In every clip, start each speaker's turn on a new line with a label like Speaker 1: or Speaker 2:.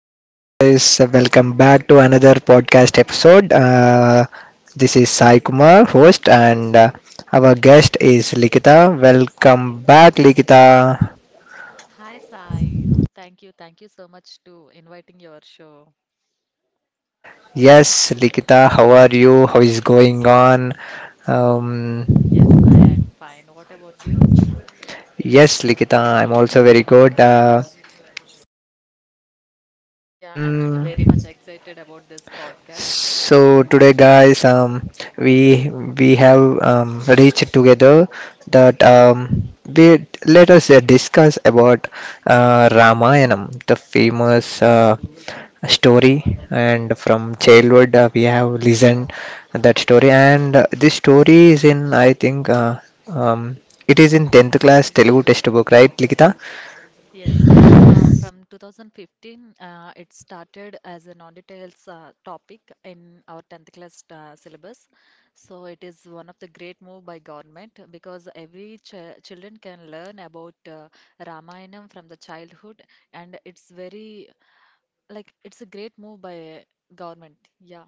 Speaker 1: Hello, guys. Welcome back to another podcast episode. This is Sai Kumar, host, and our guest is Likita. Welcome back, Likita.
Speaker 2: Hi, Sai. Thank you. Thank you so much to inviting your show.
Speaker 1: Yes, Likita, how are you? How is going on? Um,
Speaker 2: Yes, Sai, I'm fine. What about you?
Speaker 1: yes, Likita, I'm also very good.
Speaker 2: Yeah, I'm very
Speaker 1: Mm,
Speaker 2: much excited about this podcast.
Speaker 1: So today, guys, we have reached together that we let us discuss about Ramayana, the famous story, and from childhood we have listened that story, and this story is in I think um, it is in 10th class Telugu textbook, right, Likita?
Speaker 2: Yes, from 2015, it started as a non-details topic in our 10th class syllabus. So it is one of the great move by government because every ch children can learn about Ramayana from the childhood, and it's very like it's a great move by government. Yeah.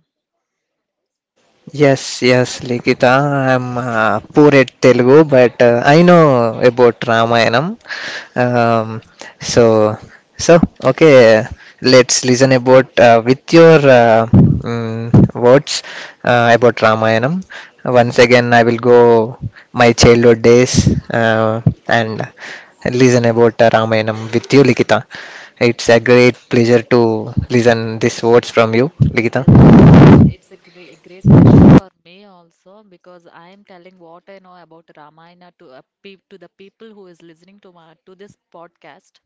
Speaker 1: Yes, yes, Likita. I'm poor at Telugu, but I know about Ramayanam. Um, so, so okay. Let's listen about with your words about Ramayanam. Once again, I will go my childhood days and listen about Ramayanam with you, Likita. It's a great pleasure to listen these words from you, Likita.
Speaker 2: Yes, yes, it's a great, great pleasure for me also because I am telling what I know about Ramayana to a peop to the people who is listening to my to this podcast.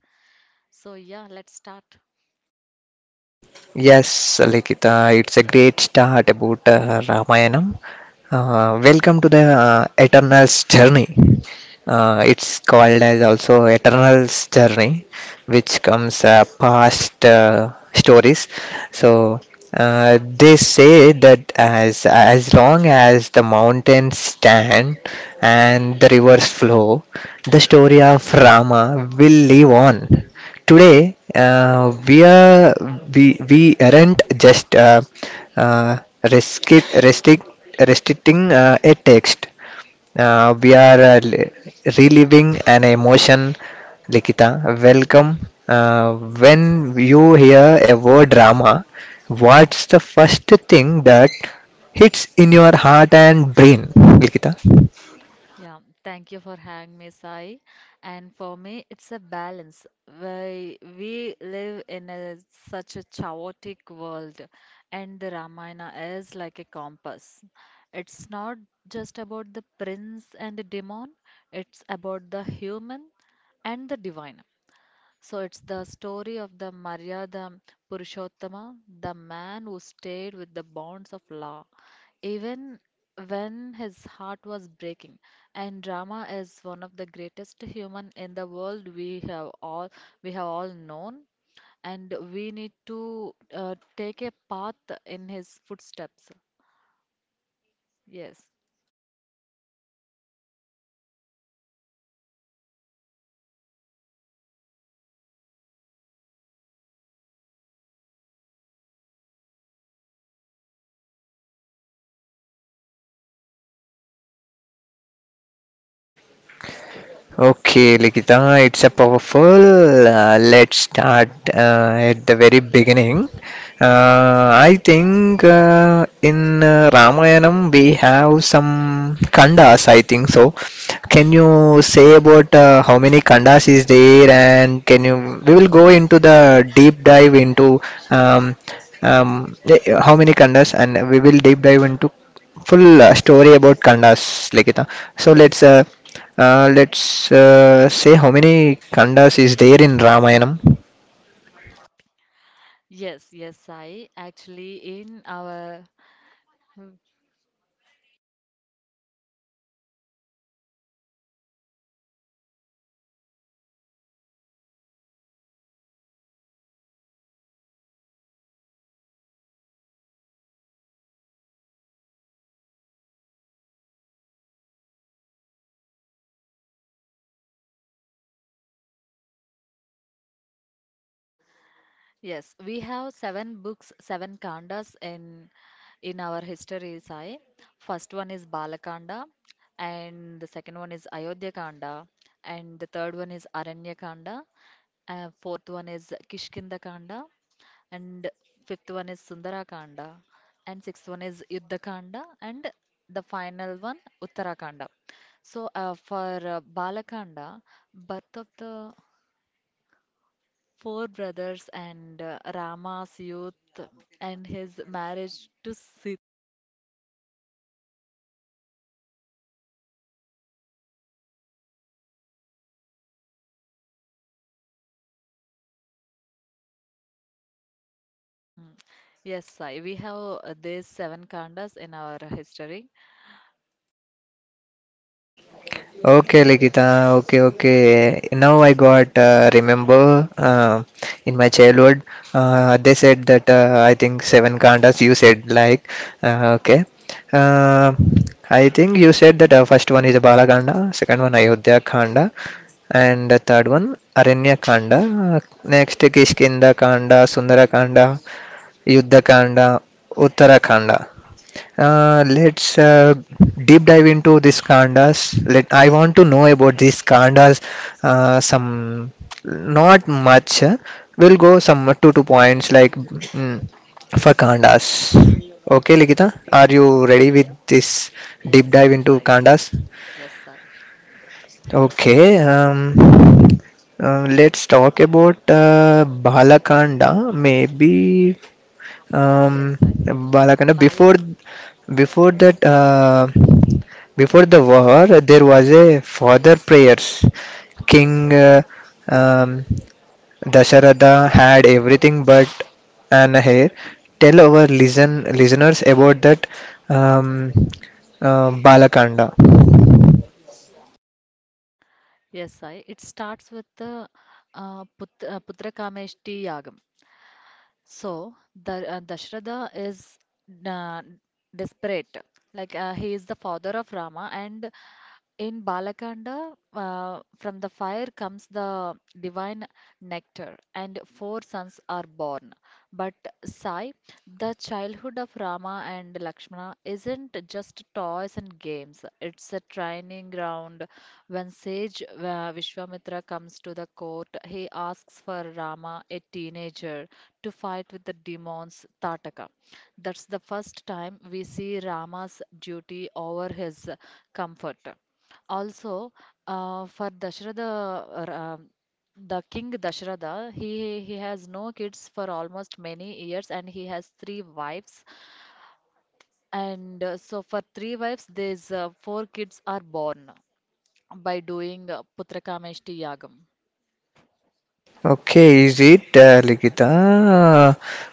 Speaker 2: So yeah, let's start.
Speaker 1: Yes, Likita, it's a great start about Ramayanam. Welcome to the Eternal's journey. It's called as also Eternal's Journey, which comes past stories. So they say that as long as the mountains stand and the rivers flow, the story of Rama will live on. Today, we aren't just uh, restrict, restrict, restricting a text. We are reliving an emotion, Likita. Welcome. Uh, when you hear a word drama, what's the first thing that hits in your heart and brain, Likita?
Speaker 2: Yeah, thank you for having me, Sai. And for me, it's a balance. We live in such a chaotic world, and the Ramayana is like a compass. It's not just about the prince and the demon, it's about the human and the divine. So it's the story of the Maryada Purushottama, the man who stayed with the bonds of law, even when his heart was breaking. And Rama is one of the greatest human in the world we have all known, and we need to take a path in his footsteps. Yes,
Speaker 1: Okay, Likita, it's a powerful. Let's start at the very beginning. I think in Ramayanam we have some khandas, I think so. Can you say about how many khandas is there, and can you we will go into the deep dive into um, how many khandas and we will deep dive into full
Speaker 2: yes,
Speaker 1: story about khandas, Likita. So
Speaker 2: yes,
Speaker 1: let's say how many khandas is there in Ramayanam.
Speaker 2: yes, yes. I actually in our Yes, we have seven books, seven kandas in our history, Sai. First one is Balakanda, and the second one is Ayodhya Kanda, and the third one is Aranya Kanda, and fourth one is Kishkinda Kanda, and fifth one is Sundara Kanda, and sixth one is Yuddha Kanda, and the final one Uttara Kanda. So for Balakanda, birth of the four brothers and Rama's youth and his marriage to Sita. Mm. Yes, Sai. We have these seven kandas in our history.
Speaker 1: Okay, Likita. Okay, okay. Now I got remember in my childhood they said that I think seven khandas. You said like okay. Uh, I think you said that first one is the Balakanda, second one Ayodhya Khanda, and the third one Aranya Khanda. Next Kishkinda Khanda, Sundara Khanda, Yuddha Khanda, Uttara Khanda. Let's deep dive into these kandas. Let I want to know about these kandas. Some not much. We'll go some two two points like for kandas. Okay, Ligita, are you ready
Speaker 2: Ye-
Speaker 1: with this deep
Speaker 2: yes, yes,
Speaker 1: dive into
Speaker 2: Sai.
Speaker 1: kandas?
Speaker 2: Yes, Sai.
Speaker 1: Okay. Let's talk about Balakanda. Maybe.
Speaker 2: Yes, Sai.
Speaker 1: Balakanda,
Speaker 2: Balak.
Speaker 1: before that, before the war, there was a father prayers. King um, Dasharatha had everything but an hair. Tell our listeners about that um, Balakanda.
Speaker 2: Yes, Sai. It starts with the Putrakameshti Yagam. So the Dashrada is uh, desperate. Like he is the father of Rama, and in Balakanda, from the fire comes the divine nectar, and four sons are born. But Sai, the childhood of Rama and Lakshmana isn't just toys and games. It's a training ground when sage Vishwamitra comes to the court, he asks for Rama, a teenager, to fight with the demons Tataka. That's the first time we see Rama's duty over his comfort. Also, for Dasharatha, the king Dasharatha, he has no kids for almost many years and he has three wives. And so, for three wives, these four kids are born by doing Putrakameshti Yagam.
Speaker 1: Okay, is it Likita?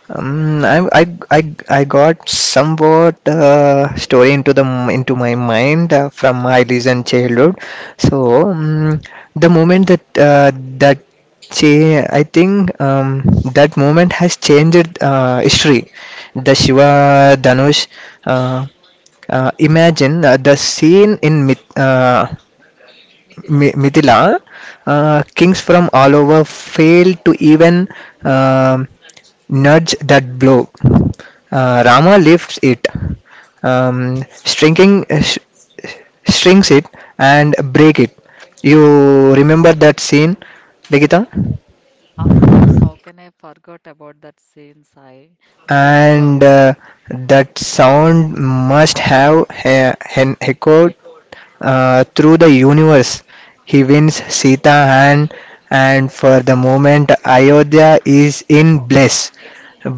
Speaker 1: Um, I, I, I, I got somewhat story into my mind from my recent childhood. So the moment that that I think that moment has changed history. The Shiva Dhanush. Uh, Imagine the scene in myth. Mithila, kings from all over failed to even um nudge that blow. Rama lifts it, stringing, strings it, and break it. You remember that scene, Nikita?
Speaker 2: Of course, how can I forget about that scene, Sai? This is
Speaker 1: And
Speaker 2: one.
Speaker 1: that sound must have echoed through the universe. He wins Sita, and for the moment Ayodhya is in bliss.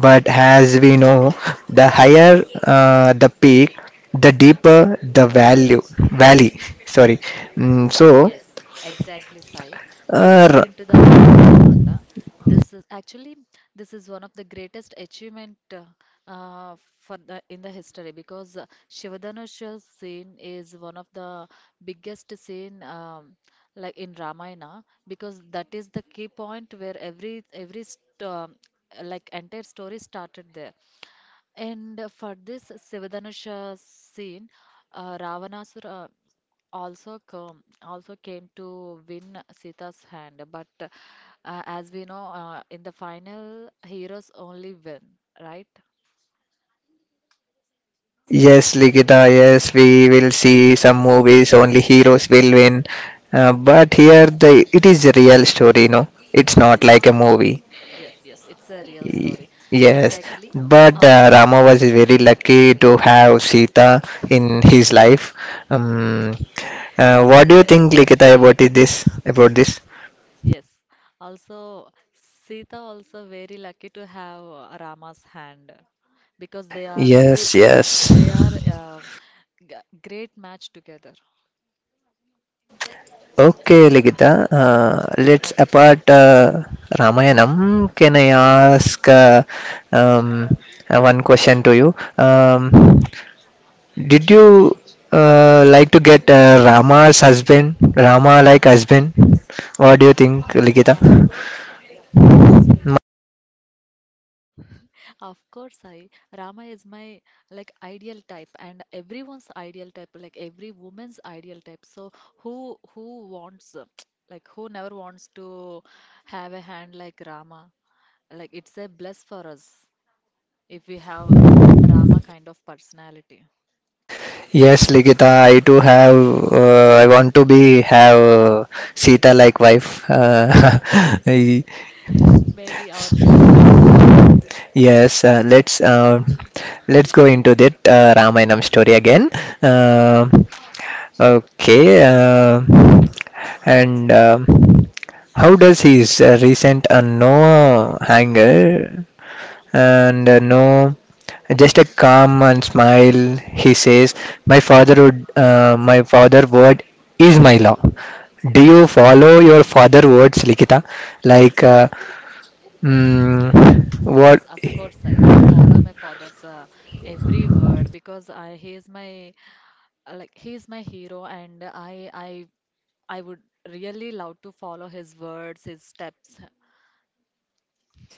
Speaker 1: But as we know, the higher the peak, the deeper the value valley. Sorry. So,
Speaker 2: Yes, exactly, Sai. We move
Speaker 1: uh,
Speaker 2: into the Ayodhya Kanda. This is actually this is one of the greatest achievement for the history because Shivadhanusha scene is one of the biggest scene like in Ramayana because that is the key point where like entire story started there. And for this Sivadanusha scene, Ravanasura also came to win Sita's hand. But as we know, in the final, heroes only win, right?
Speaker 1: yes, Ligita, yes, we will see some movies, only heroes will win. But here the it is a real story, no? It's
Speaker 2: Yeah.
Speaker 1: not like a movie.
Speaker 2: Yes, yes. It's a real
Speaker 1: Y-
Speaker 2: story.
Speaker 1: Yes,
Speaker 2: Exactly.
Speaker 1: but
Speaker 2: Al
Speaker 1: Rama was very lucky to have Sita in his life. Um, what do you
Speaker 2: Yes.
Speaker 1: think, Ligita, about this? About this?
Speaker 2: Yes. Also, Sita also very lucky to have Rama's hand because they are they
Speaker 1: Yes, yes.
Speaker 2: they are g- great match together.
Speaker 1: Okay, Ligita. Let's
Speaker 2: Okay.
Speaker 1: apart Ramayanam. Can I
Speaker 2: Okay.
Speaker 1: ask um, one question to you? Um, did you like to get Rama's husband, Rama like husband? What do you think, Ligita?
Speaker 2: Of course, I Rama is my like ideal type and everyone's ideal type, like every woman's ideal type. So who wants like who never wants to have a hand like Rama? Like it's a bless for us if we have a Rama kind of personality.
Speaker 1: Yes, Ligita, I too have. I want to be have Sita like wife.
Speaker 2: Maybe our wishes come true.
Speaker 1: Yes, let's go into that Ramayanam story again. Uh, okay, uh, and how does his recent no anger and no just a calm and smile? He says, "My father word is my law." Do you follow your father words, Likita? Like,
Speaker 2: Yes,
Speaker 1: what?
Speaker 2: of course, I follow my father's every word because I he is my like he is my hero and I would really love to follow his words, his steps.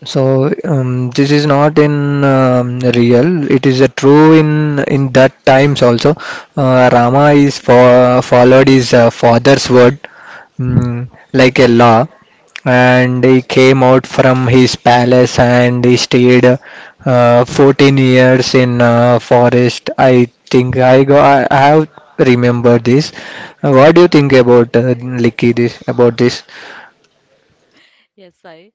Speaker 1: So this is not in real. It is a true in that times also. Rama is for followed his father's word like a law, and he came out from his palace and he stayed 14 years in forest. I think I go. I have remembered this. What do you think about Likki this about this?
Speaker 2: Yes, I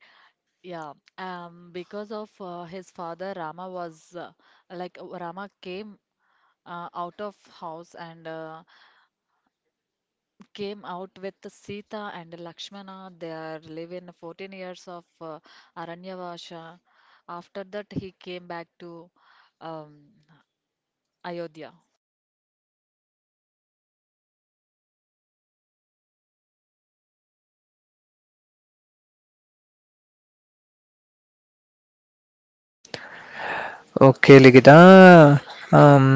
Speaker 2: yeah. Because of his father, Rama was like Rama came out of house and came out with Sita and Lakshmana. They are living 14 years of Aranyavasha. After that, he came back to um, Ayodhya.
Speaker 1: Okay, Ligita. Um,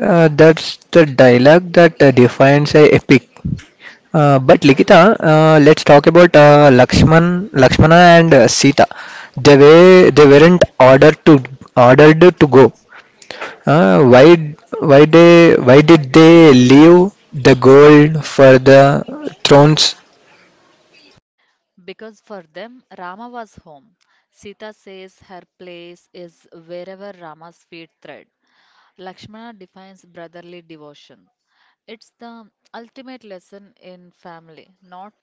Speaker 1: that's the dialogue that defines a epic. But Ligita, let's talk about Lakshman, Lakshmana, and Sita. They weren't ordered to go. Why did they leave the gold for the thrones?
Speaker 2: Because for them, Rama was home. Sita says her place is wherever Rama's feet tread. Lakshmana defines brotherly devotion. It's the ultimate lesson in family, not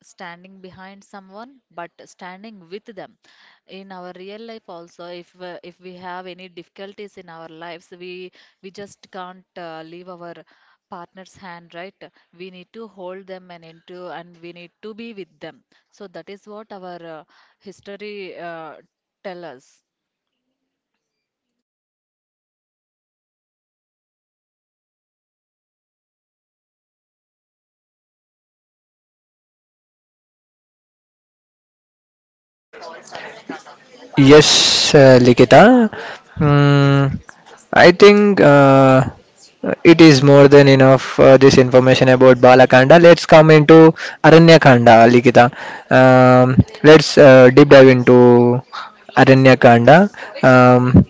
Speaker 2: standing behind someone, but standing with them. In our real life also, if we have any difficulties in our lives, we just can't leave our partner's hand, right? We need to hold them and into and we need to be with them. So that is what our history uh, tell us.
Speaker 1: Yes, Likita. Mm, I think it is more than enough this information about Balakanda. Let's come into Aranyakanda, Likita. Let's deep dive into Aranyakanda. Um,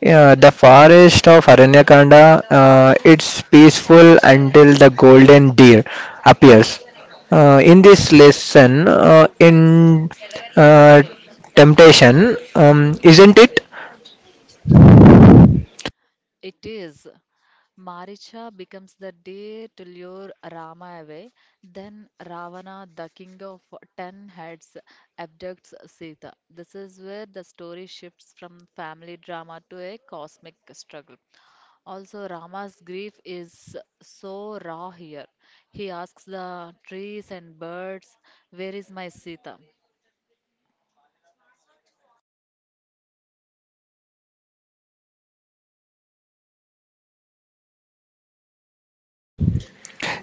Speaker 1: yeah, the forest of Aranyakanda, it's peaceful until the golden deer appears. In this lesson, in uh, temptation, isn't it?
Speaker 2: It is. Maricha becomes the day to lure Rama away. Then Ravana, the king of 10 heads, abducts Sita. This is where the story shifts from family drama to a cosmic struggle. Also, Rama's grief is so raw here. He asks the trees and birds, "Where is my Sita?"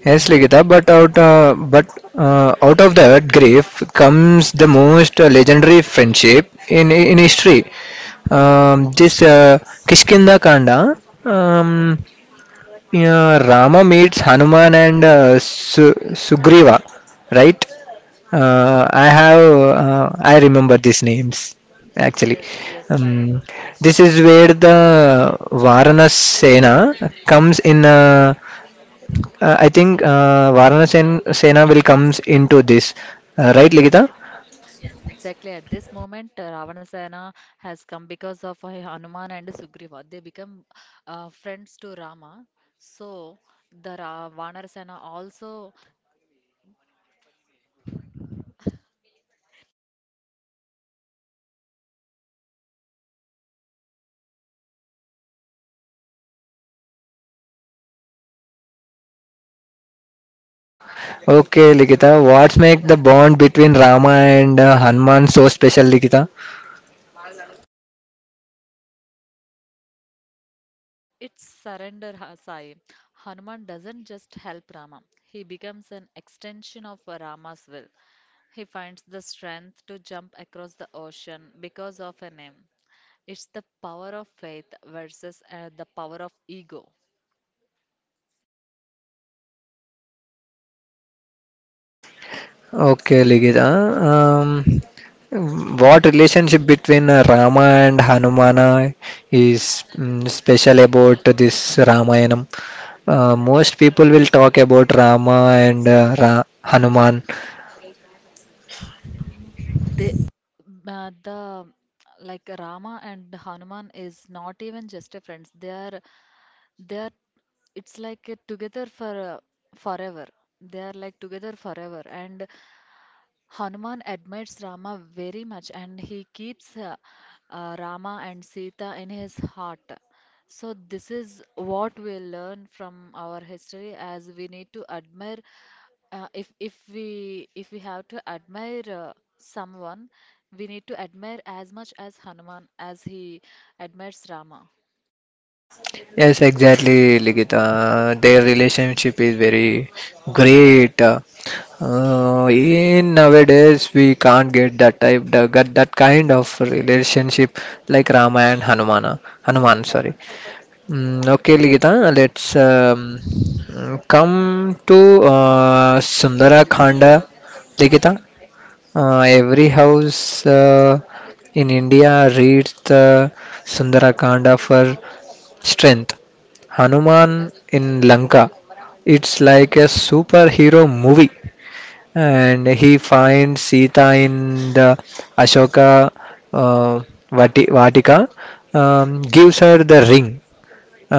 Speaker 1: Yes, Ligita, but out of that grief comes the most legendary friendship in history. This Kishkinda Kanda. Um, Yeah, Rama meets Hanuman and Sugriva, right? I remember these names actually.
Speaker 2: Yes, yes, I.
Speaker 1: Um, this
Speaker 2: Exactly.
Speaker 1: is where the Varana Sena comes in. I think Varana Sena will comes into this, right, Ligita?
Speaker 2: Exactly at this moment, Ravanasena has come because of Hanuman and Sugriva. They become friends to Rama. So the Vanarasena also.
Speaker 1: Okay, Ligita. What make the bond between Rama and Hanuman so special, Ligita?
Speaker 2: It's surrender, Sai. Hanuman doesn't just help Rama. He becomes an extension of Rama's will. He finds the strength to jump across the ocean because of a name. It's the power of faith versus the power of ego.
Speaker 1: Okay, Ligita. Um, what relationship between Rama and Hanumana is special about this Ramayanam? Most people will talk about Rama and Hanuman.
Speaker 2: They, the Like Rama and Hanuman is not even just a friends. They are It's like a together for forever. They are like together forever, and Hanuman admires Rama very much and he keeps Rama and Sita in his heart. So, this is what we learn from our history as we need to admire. If we have to admire someone, we need to admire as much as Hanuman as he admires Rama.
Speaker 1: Yes, exactly, Ligita. Their relationship is very great. In nowadays, we can't get that type, that kind of relationship like Rama and Hanumana. Hanuman, sorry. Okay, Ligita, let's come to Sundara Khanda. Ligita, every house in India reads the Sundara Khanda for strength. Hanuman in Lanka, it's like a superhero movie, and he finds Sita in the Ashoka uh, Vatika, gives her the ring.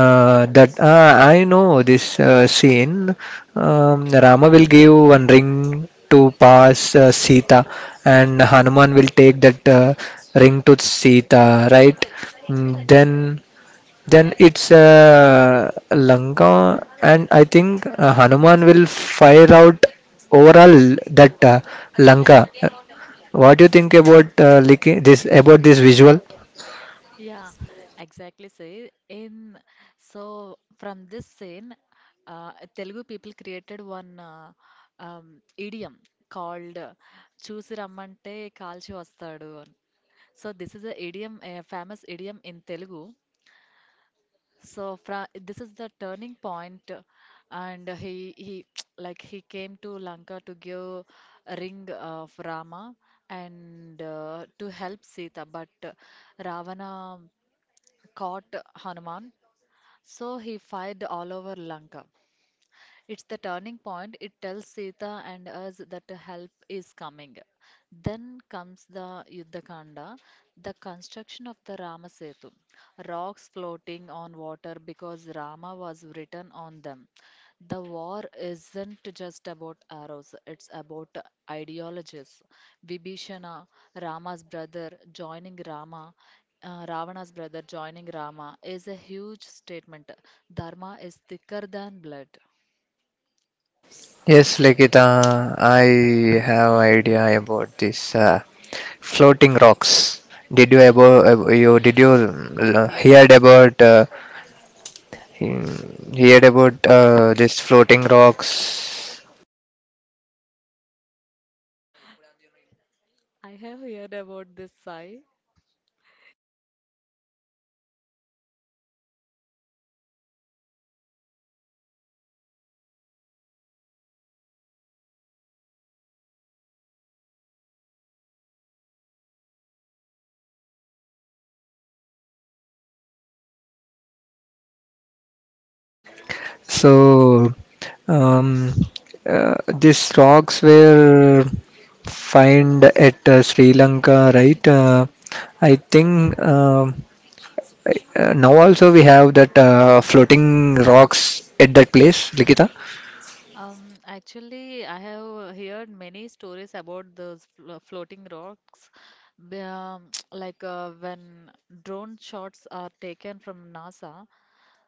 Speaker 1: That I know this scene. Rama will give one ring to pass Sita, and Hanuman will take that ring to Sita, right? Mm, Then, then it's Lanka, and I think Hanuman will fire out overall that Lanka. What do you think about this about this visual?
Speaker 2: Yeah, exactly. Say in So from this scene, Telugu people created one um, idiom called "చూసి రమ్మంటే కాల్చి వస్తాడు" అని. So this is a idiom, a famous idiom in Telugu. So fra this is the turning point, and he like he came to Lanka to give a ring of Rama and to help Sita, but Ravana caught Hanuman, so he fired all over Lanka. It's the turning point. It tells Sita and us that help is coming. Then comes the Yuddhakanda, the construction of the Rama Setu, rocks floating on water because Rama was written on them. The war isn't just about arrows, it's about ideologies. Vibhishana, Rama's brother, joining Rama, Ravana's brother joining Rama is a huge statement. Dharma is thicker than blood.
Speaker 1: Yes, Likita, I have idea about this floating rocks. Did you
Speaker 2: Hear
Speaker 1: heard
Speaker 2: about.
Speaker 1: about this floating rocks?
Speaker 2: I have heard about this, Sai.
Speaker 1: So um, these rocks were find at Sri Lanka, right? I think now also we have that floating rocks at that place, Likita.
Speaker 2: Actually, I have heard many stories about those floating rocks. Like when drone shots are taken from NASA,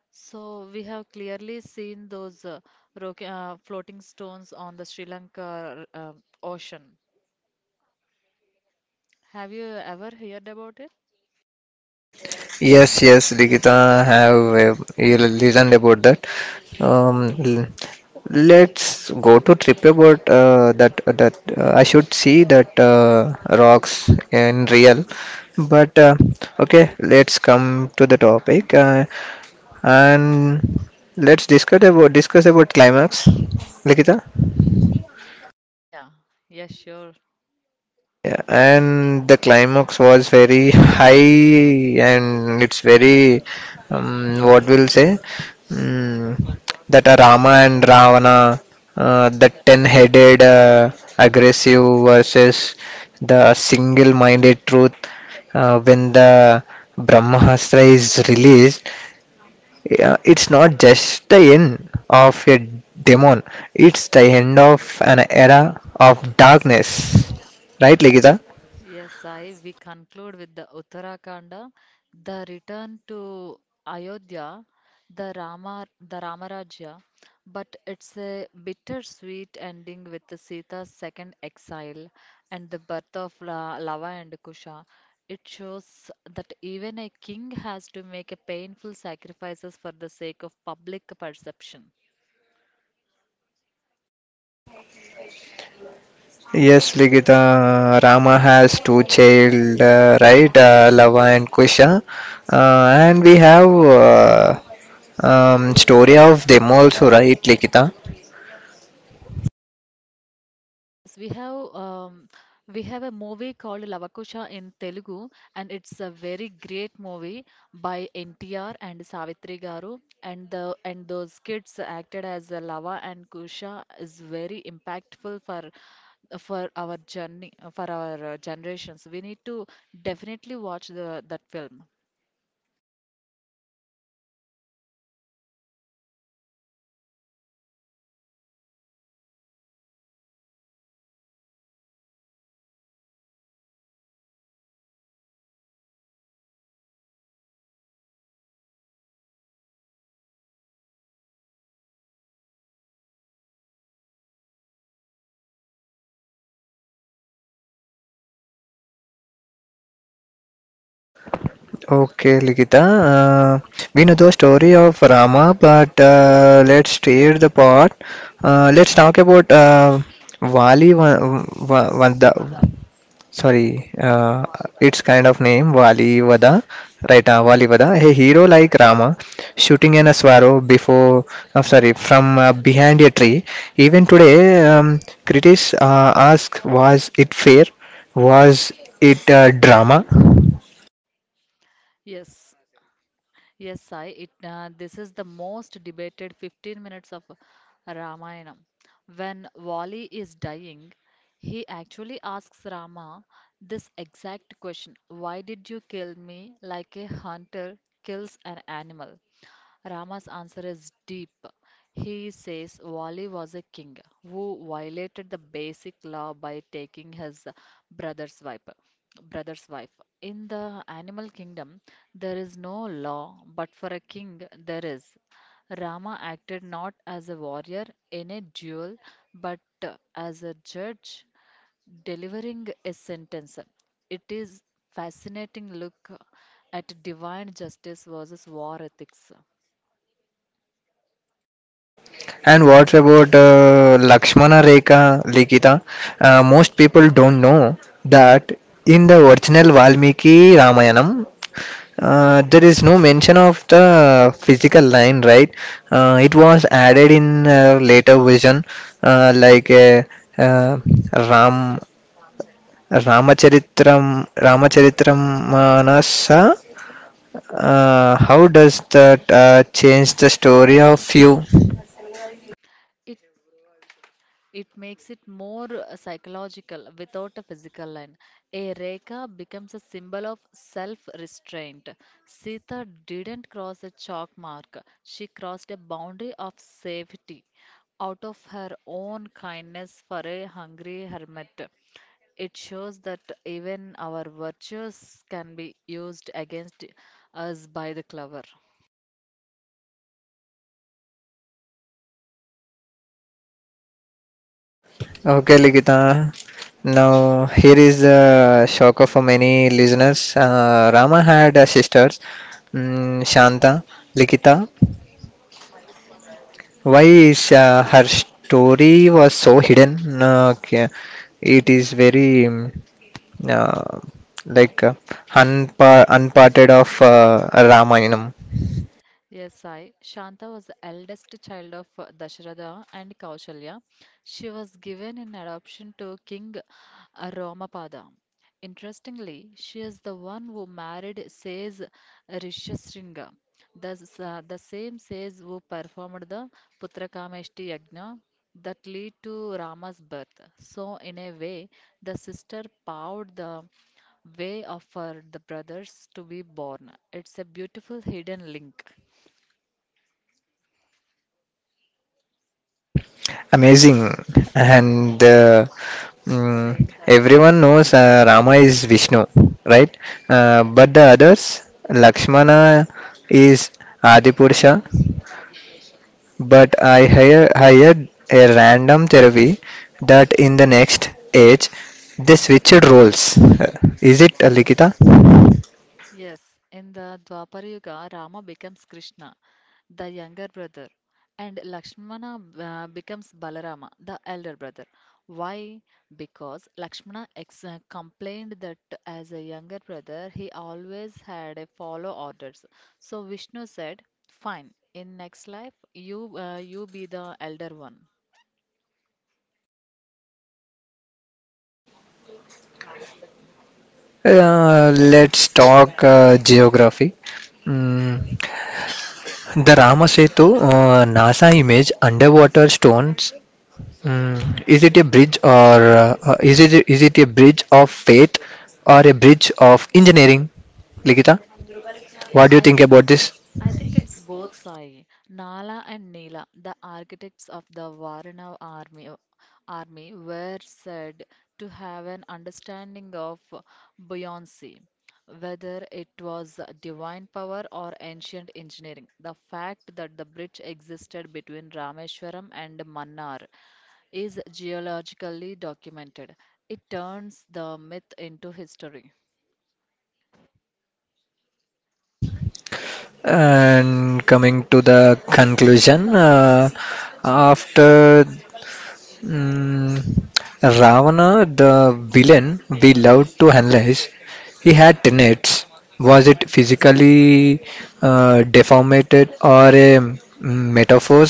Speaker 2: so we have clearly seen those floating stones on the Sri Lanka ocean. Have you ever heard about it?
Speaker 1: Yes, yes, Ligita have you listened about that. Um, l- let's go to trip about that I should see that rocks in real. But okay, let's come to the topic and let's discuss about climax, Ligita.
Speaker 2: Ah, yeah, yes, sure.
Speaker 1: Yeah, and the climax was very high, and it's very, what we'll say, um, that are Rama and Ravana, the ten-headed aggressive versus the single-minded truth. When the Brahmastra is released, yeah, it's not just the end of a demon; it's the end of an era of darkness. Right, Ligita?
Speaker 2: Yes, Sai, we conclude with the Uttarakanda, the return to Ayodhya, the Ramarajya, but it's a bittersweet ending with the Sita's second exile and the birth of La Lava and Kusha. It shows that even a king has to make a painful sacrifices for the sake of public perception.
Speaker 1: Yes, Ligita, Rama has two child, right? Lava and Kusha. And we have story of them also, right, Ligita?
Speaker 2: Yes, yes, we have a movie called Lavakusha in Telugu, and it's a very great movie by NTR and Savitri Garu, and the and those kids acted as Lava and Kusha is very impactful for our journey for our generations. We need to definitely watch the that film.
Speaker 1: Okay, Ligita. We know the story of Rama, but let's steer the part. Let's talk about Vali Vanda. Sorry, its kind of name, Wali Vada, right? Wali Vada, a hero like Rama, shooting an a sparrow before, I'm sorry, from behind a tree. Even today, critics ask, was it fair? Was it drama?
Speaker 2: Yes. Yes, Sai, this is the most debated 15 minutes of Ramayana. When Wali is dying, he actually asks Rama this exact question: "Why did you kill me like a hunter kills an animal?" Rama's answer is deep. He says Wali was a king who violated the basic law by taking his brother's wife. Brother's wife. In the animal kingdom, there is no law, but for a king, there is. Rama acted not as a warrior in a duel, but as a judge delivering a sentence. It is fascinating look at divine justice versus war ethics.
Speaker 1: And what about Lakshmana Rekha, Likita? Most people don't know that in the original Valmiki Ramayanam, there is no mention of the physical line, right? It was added in later version, like uh, Ram Ramacharitram Ramacharitrammanasa. How does that change the story of you?
Speaker 2: It it makes it more psychological without a physical line. A rekha becomes a symbol of self-restraint. Sita didn't cross a chalk mark. She crossed a boundary of safety out of her own kindness for a hungry hermit. It shows that even our virtues can be used against us by the clever.
Speaker 1: Okay, Ligita. Now, here is the shocker for many listeners. Rama had sisters, Shanta, Likita, why is her story was so hidden? It is very uh, like unparted of Ramayanam.
Speaker 2: Yes, Sai. Shanta was the eldest child of Dasharatha and Kausalya. She was given in adoption to King Romapada. Interestingly, she is the one who married Sage Rishishringa, the same sage who performed the Putrakameshti Yagna that lead to Rama's birth. So, in a way, the sister paved the way of her the brothers to be born. It's a beautiful hidden link.
Speaker 1: Amazing, and everyone knows Rama is Vishnu, right? But the others, Lakshmana is Adipurusha, but I hired a random therapy that in the next age they switched roles. Is it Likita?
Speaker 2: Yes, in the Dwapara Yuga, Rama becomes Krishna, the younger brother, and Lakshmana becomes Balarama, the elder brother. Why? Because Lakshmana complained that as a younger brother, he always had a follow orders. So Vishnu said, "Fine, in next life, you be the elder one."
Speaker 1: Let's talk geography. Mm, the Ramasetu NASA image underwater stones. Is it a bridge or is it a bridge of faith or a bridge of engineering? Likita,
Speaker 2: Yeah,
Speaker 1: what do you think about this?
Speaker 2: I think it's both, Sai. Nala and Nila, the architects of the Varana army were said to have an understanding of buoyancy, whether it was divine power or ancient engineering. The fact that the bridge existed between Rameswaram and Mannar is geologically documented. It turns the myth into history.
Speaker 1: And coming to the conclusion, after mm, Ravana, the villain we love to analyze, he had tenets. Was it physically deformed or a metaphor?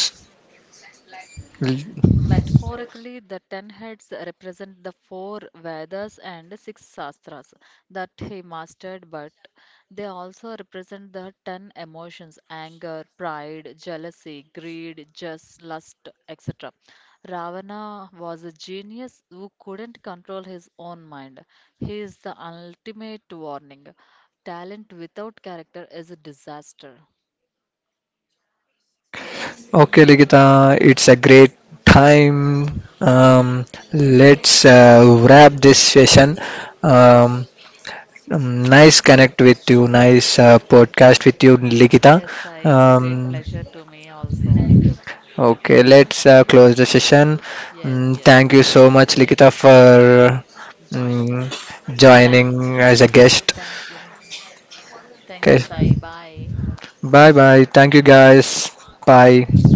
Speaker 2: Metaphorically, the 10 heads represent the four Vedas and six Shastras that he mastered, but they also represent the 10 emotions: anger, pride, jealousy, greed, just lust, etc. Ravana was a genius who couldn't control his own mind. He is the ultimate warning. Talent without character is a disaster.
Speaker 1: Okay, Ligita, it's a great time. Let's wrap this session. Um, Nice connect with you. Nice podcast with you, Likita.
Speaker 2: Yes, it's a great
Speaker 1: Um,
Speaker 2: pleasure to me also.
Speaker 1: okay, let's close the session.
Speaker 2: Yes, yes.
Speaker 1: Thank you so
Speaker 2: Thank
Speaker 1: much,
Speaker 2: you
Speaker 1: Likita, for
Speaker 2: joining us. Thank,
Speaker 1: joining as a guest.
Speaker 2: Thank you. Thank you,
Speaker 1: Okay,
Speaker 2: Sai. Bye.
Speaker 1: bye bye. Thank you, guys. Bye.